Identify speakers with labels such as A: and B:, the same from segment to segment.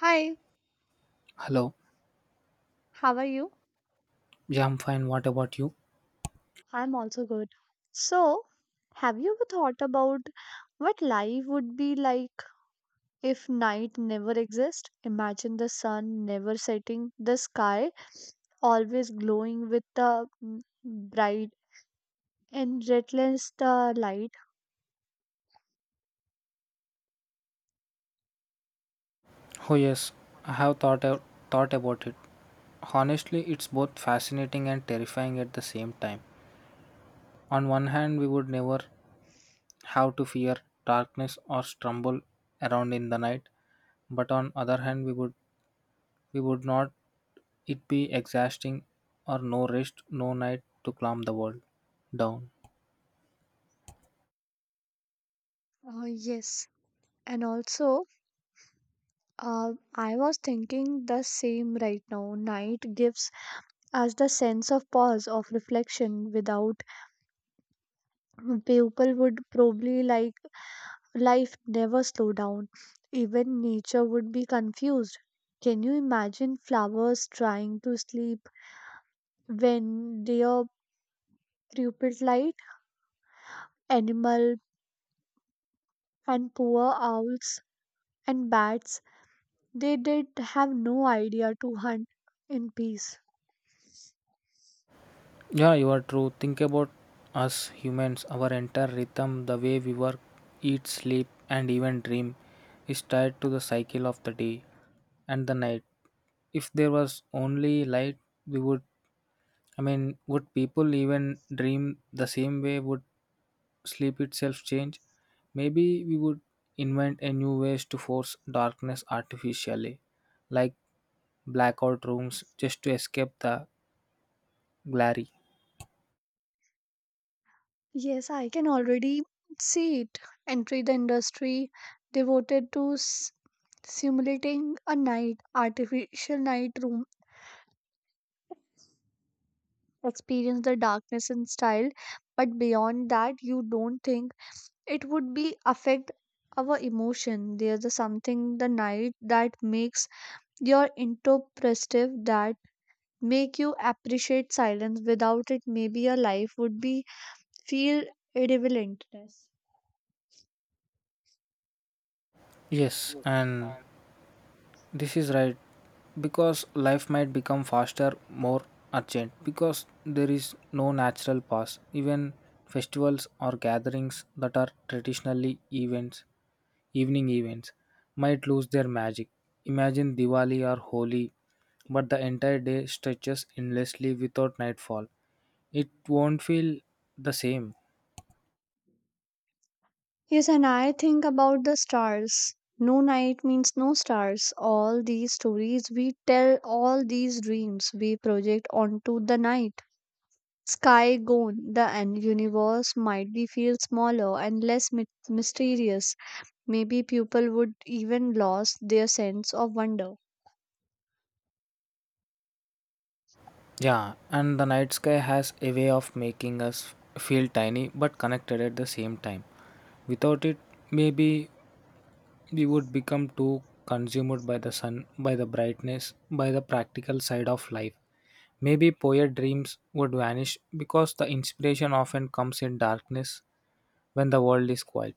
A: Hi,
B: Hello.
A: how are you?
B: Yeah, I'm fine. What about you?
A: I'm also good. So, have you ever thought about what life would be like if night never exists? Imagine the sun never setting, the sky always glowing with the bright and relentless light.
B: Oh yes, I have thought about it. Honestly, it's both fascinating and terrifying at the same time. On one hand, we would never have to fear darkness or stumble around in the night, but on other hand, we would not it be exhausting or no rest, no night to calm the world down.
A: Yes, and also I was thinking the same right now. Night gives us the sense of pause of reflection. Without people would probably like life never slow down. Even nature would be confused. Can you imagine flowers trying to sleep when their pupil light? Animal and poor owls and bats, they did have no idea to hunt in peace.
B: Yeah, you are true. Think about us humans. Our entire rhythm, the way we work, eat, sleep, and even dream, is tied to the cycle of the day and the night. If there was only light, we would. I mean, would people even dream the same way? Would sleep itself change? Maybe we would invent a new ways to force darkness artificially, like blackout rooms, just to escape the glare.
A: Yes, I can already see it. Entry the industry devoted to simulating a night, artificial night room experience the darkness in style, but beyond that, you don't think it would be affect our emotion? There's a something the night that makes your interpretive, that make you appreciate silence. Without it, maybe your life would be feel irrelevantness.
B: Yes, and this is right because life might become faster, more urgent because there is no natural pause. Even festivals or gatherings that are traditionally events, evening events, might lose their magic. Imagine Diwali or Holi, but the entire day stretches endlessly without nightfall. It won't feel the same.
A: Yes, and I think about the stars. No night means no stars. All these stories we tell, all these dreams we project onto the night sky gone, the universe might be feel smaller and less mysterious. Maybe people would even lost their sense of wonder.
B: Yeah, and the night sky has a way of making us feel tiny but connected at the same time. Without it, maybe we would become too consumed by the sun, by the brightness, by the practical side of life. Maybe poet dreams would vanish because the inspiration often comes in darkness when the world is quiet.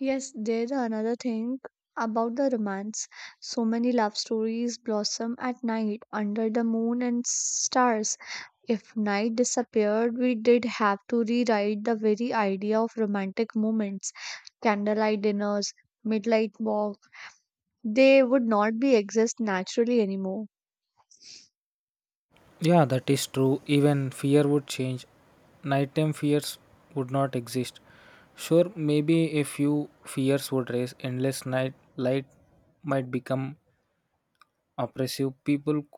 A: Yes, there's another thing about the romance. So many love stories blossom at night under the moon and stars. If night disappeared, we did have to rewrite the very idea of romantic moments, candlelight dinners, midnight walk. They would not be exist naturally anymore.
B: Yeah, that is true. Even fear would change. Nighttime fears would not exist. Sure, maybe a few fears would rise. Endless night light might become oppressive.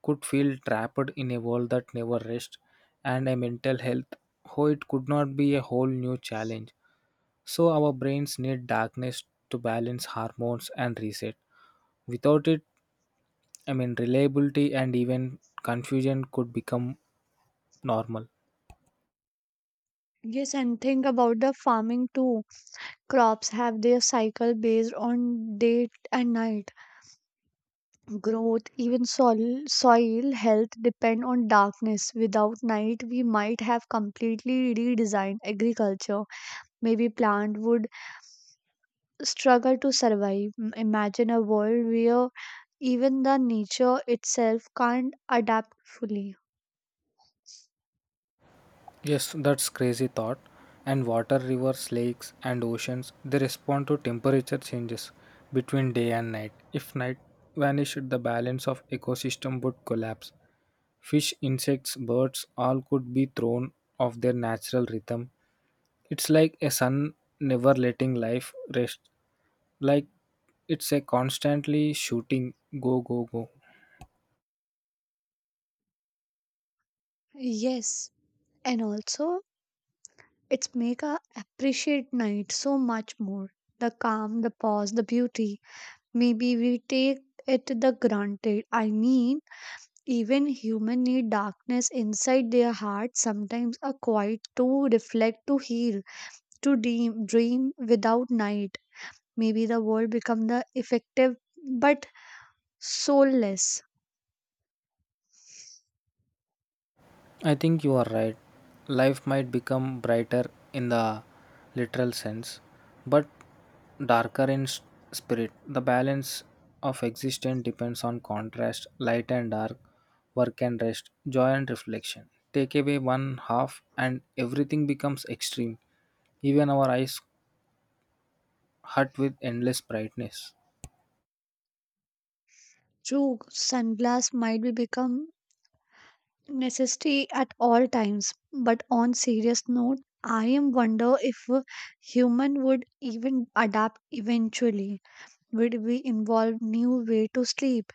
B: Could feel trapped in a world that never rests, and a mental health. Oh, it could not be a whole new challenge. So, our brains need darkness to balance hormones and reset. Without it, I mean, reliability and even confusion could become normal.
A: Yes, and think about the farming too. Crops have their cycle based on day and night. Growth, even soil health depend on darkness. Without night, we might have completely redesigned agriculture. Maybe plant would struggle to survive. Imagine a world where even the nature itself can't adapt fully.
B: Yes, that's crazy thought. And water, rivers, lakes, and oceans, they respond to temperature changes between day and night. If night vanished, the balance of ecosystem would collapse. Fish, insects, birds, all could be thrown off their natural rhythm. It's like a sun never letting life rest. Like it's a constantly shooting go go go.
A: Yes, and also it's make a appreciate night so much more. The calm, the pause, the beauty. Maybe we take it the granted. I mean, even human need darkness inside their heart, sometimes a quiet to reflect, to heal, to dream, without night. Maybe the world become the effective but soulless.
B: I think you are right. Life might become brighter in the literal sense, but darker in spirit. The balance of existence depends on contrast, light and dark, work and rest, joy and reflection. Take away one half, and everything becomes extreme. Even our eyes hurt with endless brightness.
A: True, sunglass might be become necessity at all times, but on serious note, I am wonder if human would even adapt eventually. Would we involve new way to sleep,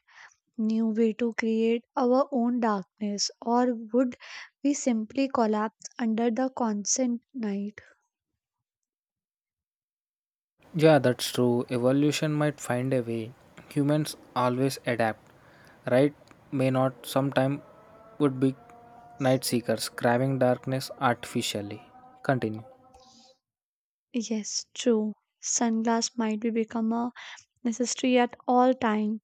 A: new way to create our own darkness, or would we simply collapse under the constant night?
B: Yeah, that's true. Evolution might find a way. Humans always adapt. Right may not sometime would be night seekers craving darkness artificially. Continue.
A: Yes, true. Sunglass might be become a necessity at all time,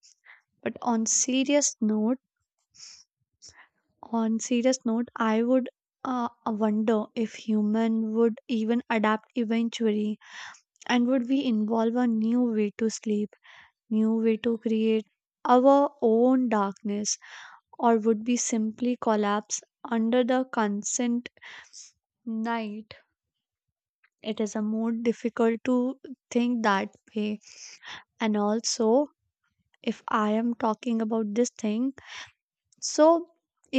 A: but on serious note, I would wonder if human would even adapt eventually. And would we involve a new way to sleep, new way to create our own darkness, or would we simply collapse under the constant night? It is a more difficult to think that way. And also, if I am talking about this thing, so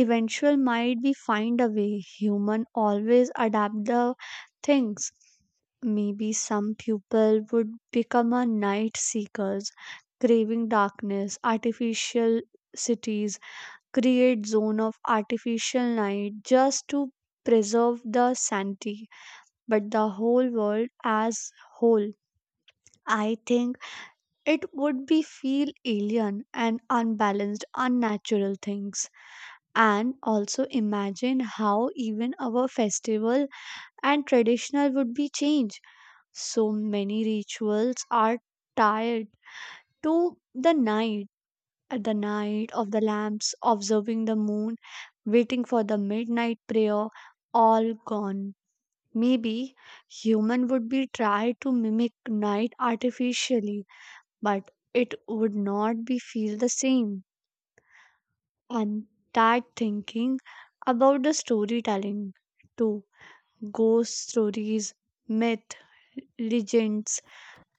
A: eventual might be find a way. Human always adapt the things. Maybe some people would become a night seekers, craving darkness artificial. Cities create zone of artificial night just to preserve the sanity. But the whole world as whole, I think it would be feel alien and unbalanced, unnatural things. And also imagine how even our festival and traditional would be changed. So many rituals are tied to the night, at the night of the lamps, observing the moon, waiting for the midnight prayer, all gone. Maybe human would be try to mimic night artificially, but it would not be feel the same. And that thinking about the storytelling too. Ghost stories, myth, legends,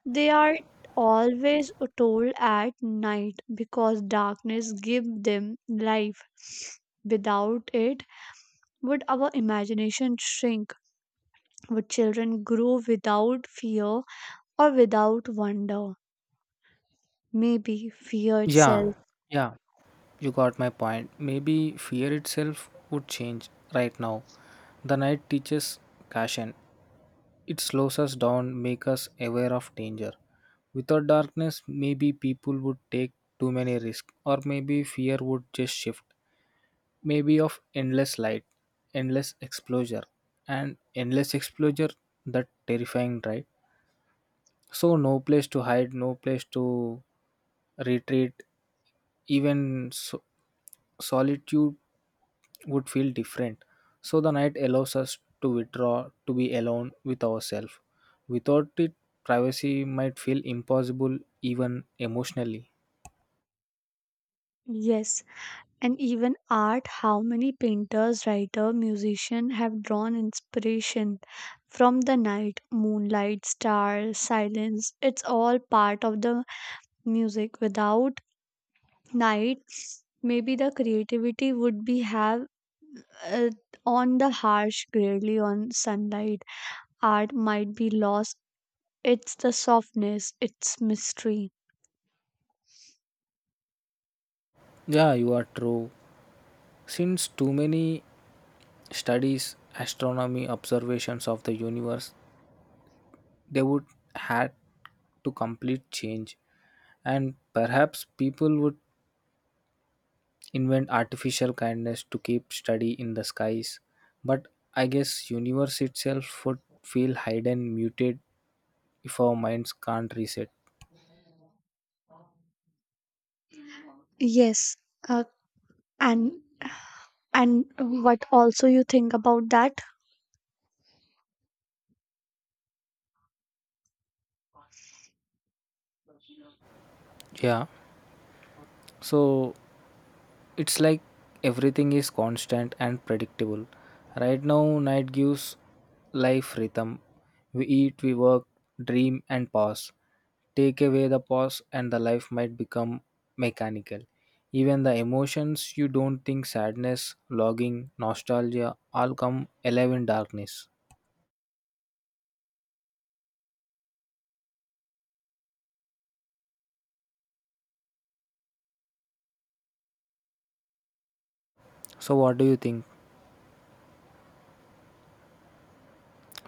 A: they are always told at night because darkness gives them life. Without it, would our imagination shrink? Would children grow without fear or without wonder? Maybe fear
B: Yeah,
A: itself.
B: yeah, you got my point. Maybe fear itself would change right now. The night teaches caution. It slows us down, make us aware of danger. Without darkness, maybe people would take too many risks, or maybe fear would just shift. May be of endless light, endless exposure, and endless exposure that terrifying, right? So no place to hide, no place to retreat. Even solitude would feel different. So the night allows us to withdraw, to be alone with ourselves. Without it, privacy might feel impossible, even emotionally.
A: Yes, and even art, how many painters, writer, musician have drawn inspiration from the night, moonlight, stars, silence. It's all part of the music. Without night, maybe the creativity would be have uh, on the harsh grayly on sunlight, art might be lost. It's the softness, it's mystery.
B: Yeah, you are true. Since too many studies, astronomy, observations of the universe, they would had to complete change, and perhaps people would invent artificial kindness to keep study in the skies, but I guess universe itself would feel hidden, muted if our minds can't reset.
A: Yes, uh, and and what also you think about that?
B: Yeah, so it's like everything is constant and predictable right now. Night gives life rhythm. We eat, we work, dream and pause. Take away the pause and the life might become mechanical. Even the emotions, you don't think sadness, longing, nostalgia all come alive in darkness. So what do you think?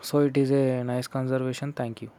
B: So it is a nice conservation. Thank you.